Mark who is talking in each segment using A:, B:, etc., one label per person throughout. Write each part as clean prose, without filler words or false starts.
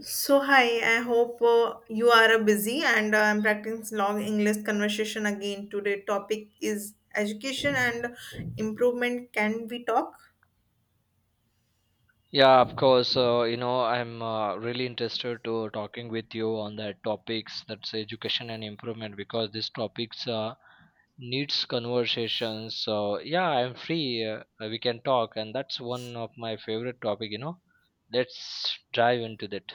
A: So hi, I hope you are busy and I'm practicing long English conversation again. Today topic is education and improvement. Can we talk?
B: Yeah, of course. You know, I'm really interested to talking with you on that topics that's education and improvement because these topics needs conversations. So yeah, I'm free. We can talk, and that's one of my favorite topic. You know, let's dive into that.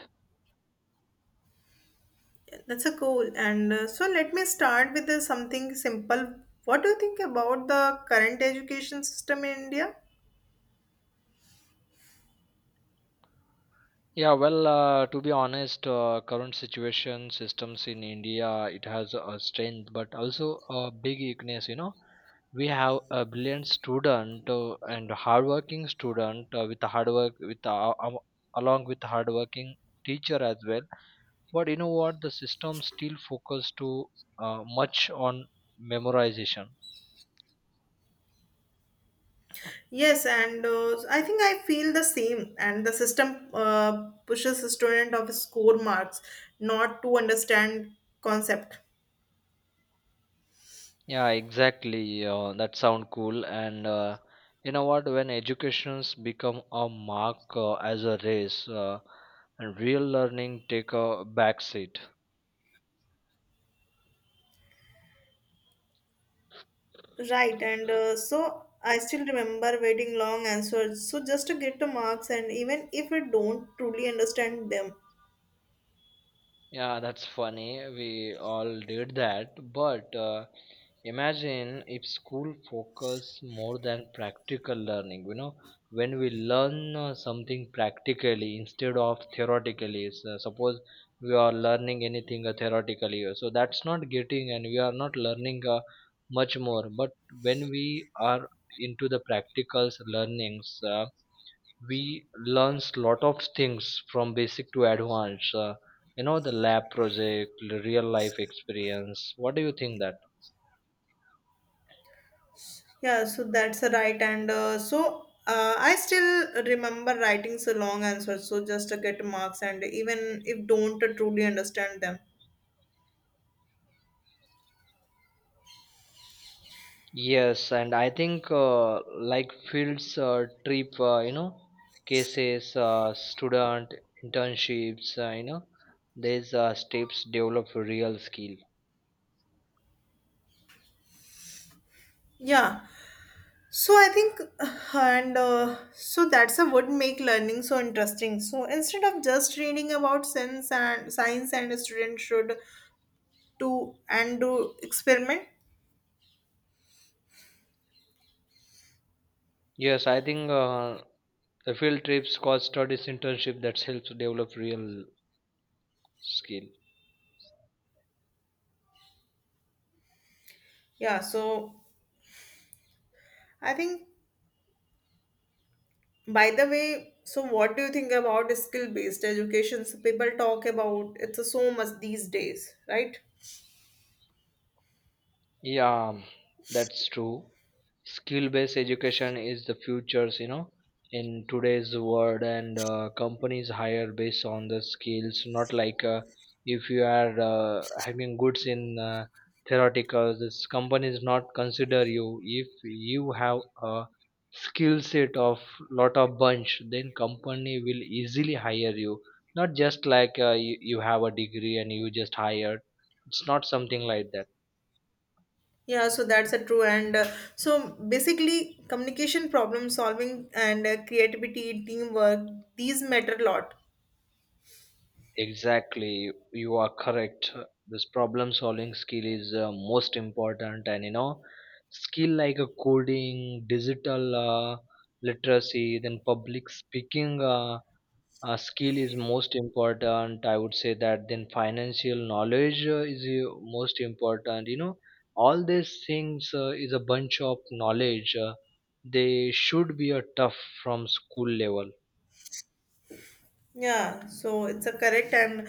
A: That's a cool. And so let me start with something simple. What do you think about the current education system in India?
B: Yeah, well, to be honest, current situation systems in India, it has a strength, but also a big weakness. You know, we have a brilliant student and hardworking student with a hard work along with hardworking teacher as well. But you know what? The system still focus to much on memorization.
A: Yes, and I think I feel the same. And the system pushes a student of score marks, not to understand concept.
B: Yeah, exactly. That sound cool. And you know what? When educations become a mark as a race, and real learning take a backseat.
A: Right, and so I still remember waiting long answers. So just to get the marks, and even if we don't truly understand them,
B: Yeah, that's funny. We all did that. But imagine if school focus more than practical learning, you know, when we learn something practically instead of theoretically. So suppose we are learning anything theoretically, so that's not getting and we are not learning much more. But when we are into the practicals learnings, we learns lot of things from basic to advanced you know, the lab project, the real life experience. What do you think that?
A: yeah. So that's right, and I still remember writing so long answers. So just to get marks, and even if don't truly understand them,
B: Yes, and I think like fields trip, you know, cases, student internships, you know, these steps develop real skill.
A: yeah. So I think, and so that's a would make learning so interesting. So instead of just reading about sense and science, and a student should do and do experiment.
B: Yes, I think the field trips, cause studies, internship, that helps develop real skill.
A: Yeah, so I think, by the way, so what do you think about skill-based education? So people talk about it's so much these days, right?
B: Yeah, that's true. Skill-based education is the futures, you know, in today's world, and companies hire based on the skills, not like if you are having goods in theoretical, this companies not consider you. If you have a skill set of lot of bunch, then company will easily hire you. Not just like you have a degree and you just hired. It's not something like that.
A: Yeah, so that's a true. And so basically, communication, problem solving, and creativity, teamwork, these matter a lot.
B: Exactly, you are correct. This problem solving skill is most important, and you know, skill like a coding, digital literacy, then public speaking skill is most important. I would say that then financial knowledge is most important. You know, all these things is a bunch of knowledge. They should be a tough from school level.
A: Yeah, so it's a correct, and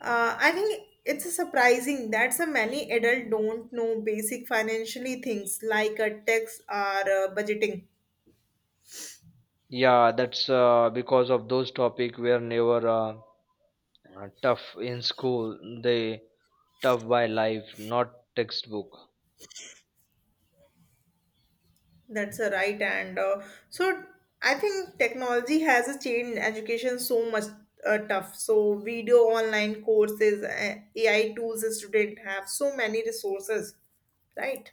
A: I think it's a surprising that so many adult don't know basic financially things like a tax or budgeting.
B: Yeah, that's because of those topic were never tough in school. They tough by life, not textbook.
A: That's a right, and so I think technology has changed education so much tough. So video, online courses, AI tools, the student have so many resources, right?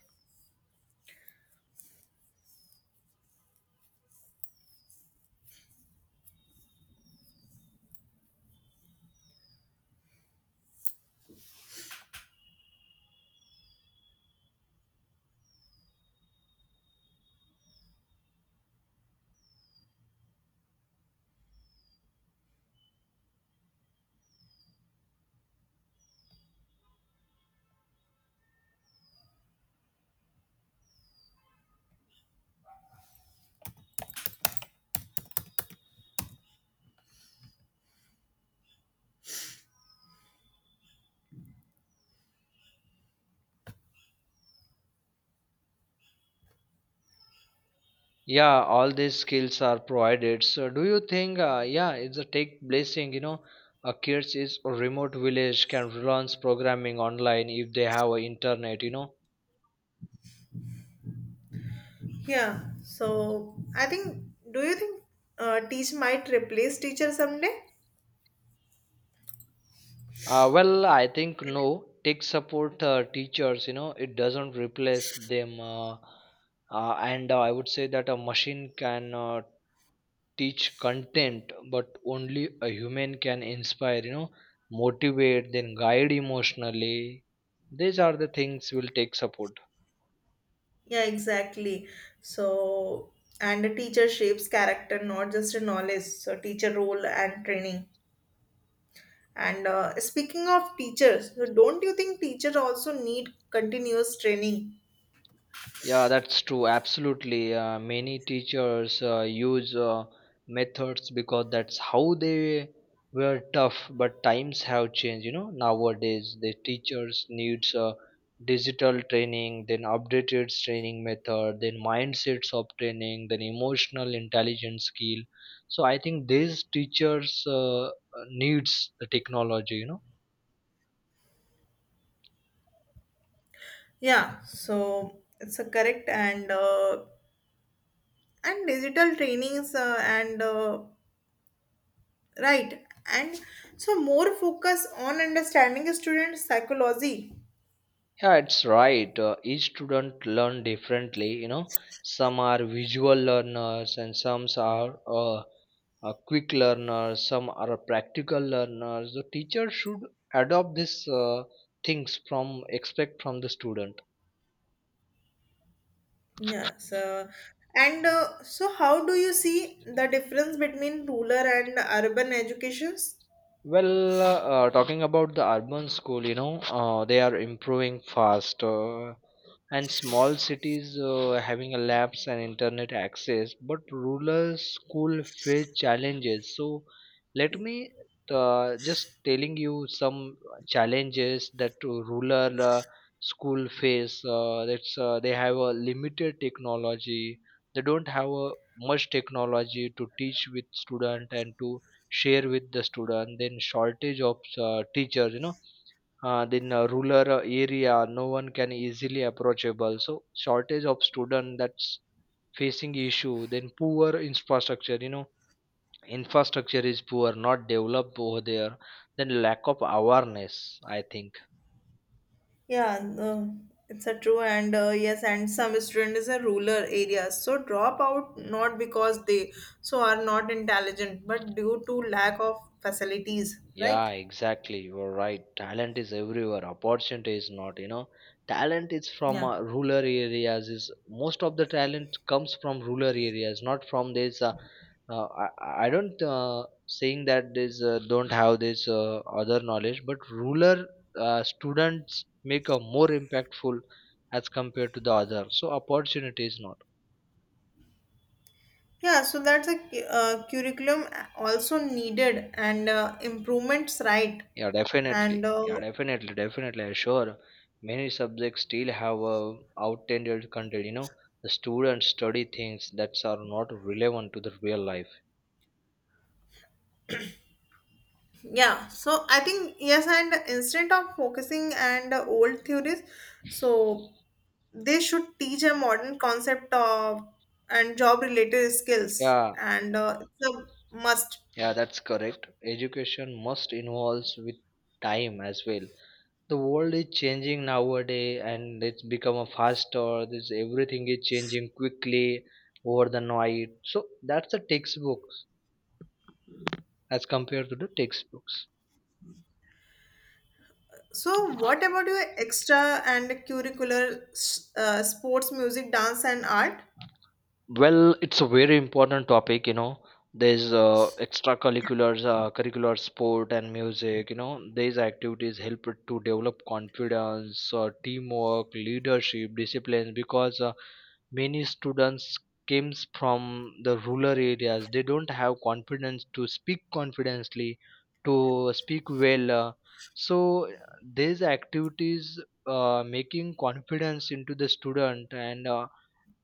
B: Yeah, all these skills are provided. So, do you think? Yeah, it's a take blessing. You know, a kids is a remote village can learn programming online if they have a internet. You know.
A: Yeah. So I think, do you think teach might replace teacher someday?
B: Well, I think no. Tech support teachers. You know, it doesn't replace them. And I would say that a machine can teach content but only a human can inspire, you know, motivate then guide emotionally. These are the things will take support.
A: Yeah, exactly. So and a teacher shapes character, not just a knowledge. So teacher role and training. And speaking of teachers, so don't you think teachers also need continuous training?
B: Yeah, that's true. Absolutely. Many teachers use methods because that's how they were tough. But times have changed. You know, nowadays the teachers needs digital training, then updated training method, then mindsets of training, then emotional intelligence skill. So I think these teachers needs the technology. You know.
A: Yeah, so it's a correct and digital trainings and right and so more focus on understanding student psychology.
B: Yeah, it's right. Each student learn differently. You know, some are visual learners and some are quick learners. Some are practical learners. The teacher should adopt these things from expect from the student.
A: Yeah, so and so how do you see the difference between rural and urban educations?
B: Well, talking about the urban school, you know, they are improving fast, and small cities having a labs and internet access, but rural school face challenges. So, let me just telling you some challenges that rural school face. That's they have a limited technology. They don't have a much technology to teach with student and to share with the student, then shortage of teachers, you know, then rural area no one can easily approachable, so shortage of student, that's facing issue, then poor infrastructure, you know, infrastructure is poor, not developed over there, then lack of awareness, I think.
A: Yeah, no, it's a true and yes, and some student is a rural areas so drop out not because they so are not intelligent, but due to lack of facilities,
B: Yeah,
A: right?
B: exactly. You're right. Talent is everywhere. Opportunity is not, you know. Talent is from
A: Yeah,
B: rural areas. Is most of the talent comes from rural areas, not from this. I don't saying that this don't have this other knowledge, but rural students make a more impactful as compared to the other. So opportunity is not.
A: yeah. So that's a curriculum also needed and improvements, right?
B: Yeah,
A: And
B: definitely. Yeah, definitely. Sure, many subjects still have a outdated content. You know, the students study things that are not relevant to the real life.
A: Yeah, so I think yes, and instead of focusing and old theories, so they should teach a modern concept of and job related skills,
B: Yeah,
A: and it's a must.
B: yeah, that's correct. Education must involve with time as well. The world is changing nowadays, and it's become a faster. This everything is changing quickly over the night. So that's the textbooks as compared to the textbooks.
A: So, what about your extra and curricular sports, music, dance, and art?
B: Well, it's a very important topic, you know. There's extracurriculars, curricular sport and music, you know. These activities help to develop confidence, teamwork, leadership, discipline because many students comes from the rural areas. They don't have confidence to speak confidently, to speak well. So these activities making confidence into the student and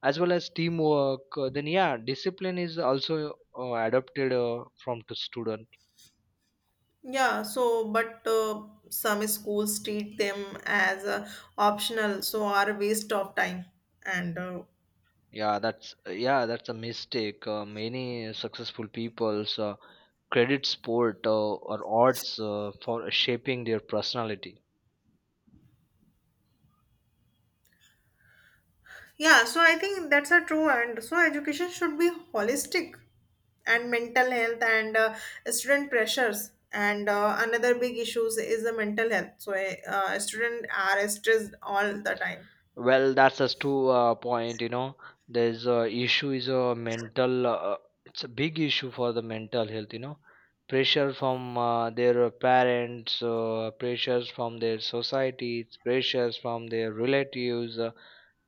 B: as well as teamwork, then yeah, discipline is also adopted from to student.
A: Yeah, so but some schools treat them as optional, so are a waste of time, and
B: Yeah, that's a mistake. Many successful people's credit sport or arts for shaping their personality.
A: yeah, so I think that's a true, and so education should be holistic and mental health and student pressures. And another big issues is the mental health. So students are stressed all the time.
B: Well, that's just two point, you know. There's a issue is a mental it's a big issue for the mental health, you know. Pressure from their parents, pressures from their societies, pressures from their relatives,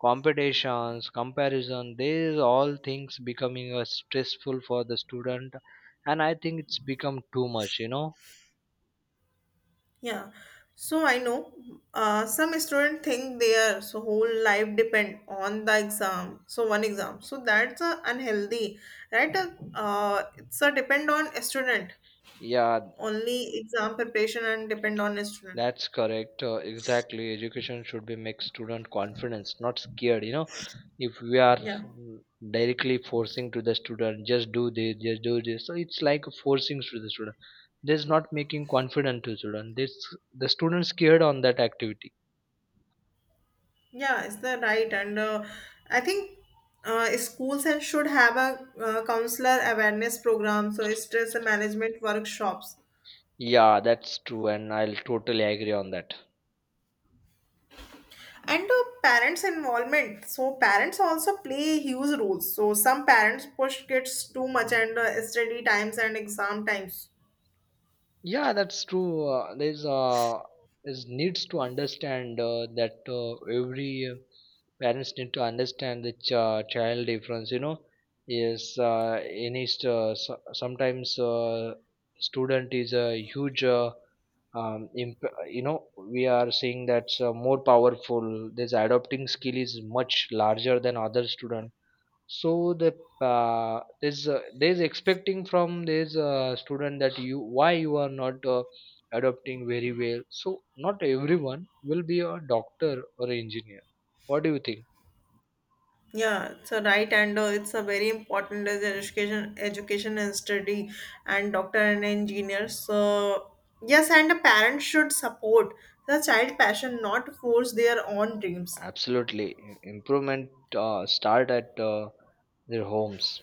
B: competitions, comparison, these all things becoming stressful for the student, and I think it's become too much, you know.
A: Yeah. So I know some students think their so whole life depend on the exam. So one exam. So that's unhealthy, right? It's a depend on a student
B: Yeah,
A: only exam preparation and depend on a student.
B: that's correct. Exactly. Education should be make student confidence, not scared. You know, if we are
A: Yeah.
B: directly forcing to the student, just do this, just do this. So it's like forcing to the student. This not making confident to student. This the student scared on that activity.
A: Yeah, is that right? And I think schools and should have a counselor awareness program, so stress management workshops,
B: Yeah, that's true, and I'll totally agree on that.
A: and parents' involvement. So parents also play huge roles. So some parents push kids too much and study times and exam times.
B: Yeah, that's true. There's is needs to understand that every parents need to understand the child difference. You know, is in his sometimes student is a huge. You know, we are seeing that's more powerful. This adopting skill is much larger than other student. So the there's expecting from this student that you why you are not adopting very well. So not everyone will be a doctor or engineer. What do you think?
A: Yeah, so right, and it's a very important as an education, education and study, and doctor and engineer. So yes, and a parent should support the child passion, not force their own dreams.
B: Absolutely. Improvement start at their homes.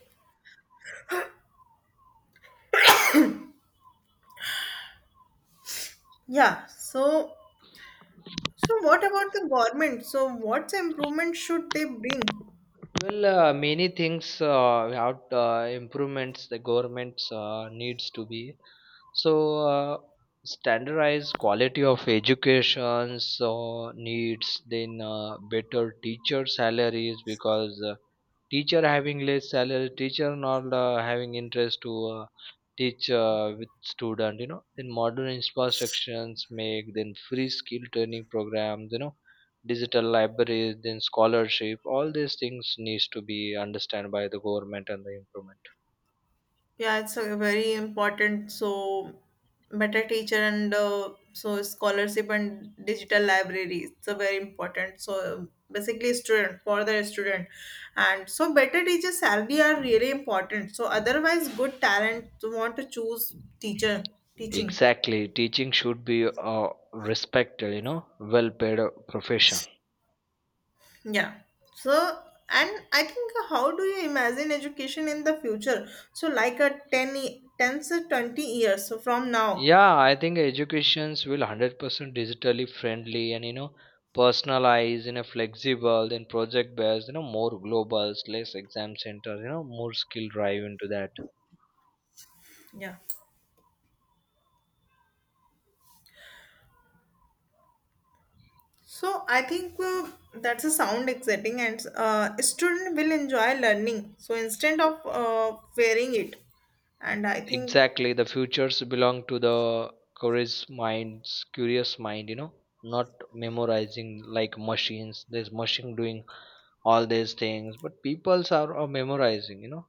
A: Yeah. So so what about the government? So what improvement should they bring?
B: Well, many things we have improvements the governments needs to be. So standardized quality of education so needs, then better teacher salaries because teacher having less salary, teacher not having interest to teach with student, you know, then modern infrastructures make, then free skill training programs, you know, digital libraries, then scholarship, all these things needs to be understood by the government and the improvement.
A: Yeah, it's a very important. So, better teacher and so scholarship and digital library. It's a very important. So basically, student for the student, and so better teacher salary are really important. So otherwise, good talent want to choose teacher teaching.
B: Exactly, teaching should be a respected, you know, well paid profession.
A: Yeah. So and I think how do you imagine education in the future? So like a 10, 10 to 20 years so from now.
B: Yeah, I think educations will 100% digitally friendly, and you know, personalized, you know, flexible, then project based, you know, more global, less exam centers, you know, more skill drive into that.
A: Yeah. So I think that's a sound exciting, and student will enjoy learning. So instead of wearing it, and I think
B: Exactly, the futures belong to the curious mind, you know, not memorizing like machines. There's machine doing all these things, but peoples are memorizing, you know.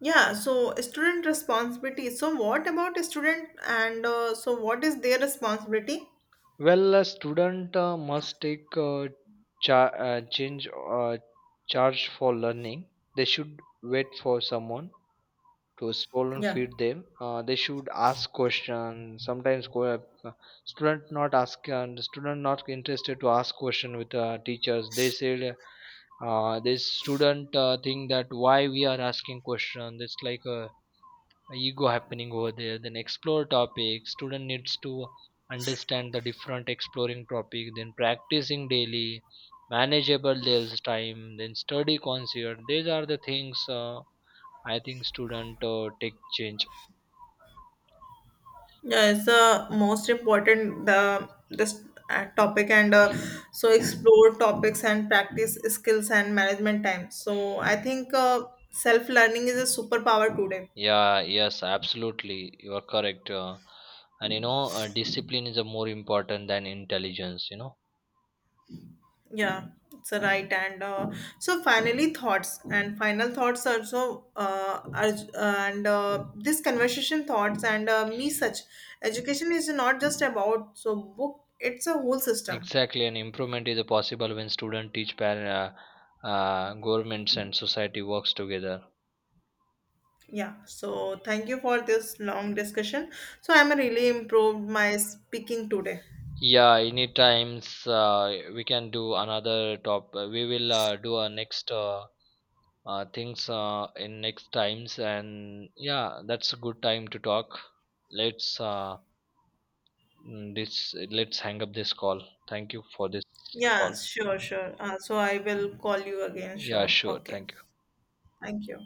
A: yeah. So student responsibility. So what about student and so what is their responsibility?
B: Well, a student must take change charge for learning. They should wait for someone to scroll and
A: Yeah,
B: feed them. They should ask questions. Sometimes student not ask and student not interested to ask question with teachers. They said this student think that why we are asking question. It's like a ego happening over there, then explore topic, student needs to understand the different exploring topic, then practicing daily, manageable there's time, then study concert, these are the things I think student take change.
A: yeah, it's the most important the this topic and so explore topics and practice skills and management time. So I think self learning is a superpower today.
B: Yeah, yes, absolutely. You are correct. And you know, discipline is a more important than intelligence, you know.
A: Yeah, it's a right. And so finally, thoughts and final thoughts also are, and this conversation thoughts and me such education is not just about so book. It's a whole system.
B: Exactly, and improvement is possible when student, teach par uh, governments and society works together.
A: Yeah. So thank you for this long discussion. So I'm really improved my speaking today.
B: Yeah, any times we can do another top. We will do our next things in next times, and yeah, that's a good time to talk. Let's mm, this let's hang up this call. Thank you for this
A: Yeah.
B: call.
A: Sure. Sure. So I will call you again
B: Yeah,
A: soon.
B: sure.
A: Okay.
B: Thank you.
A: Thank you.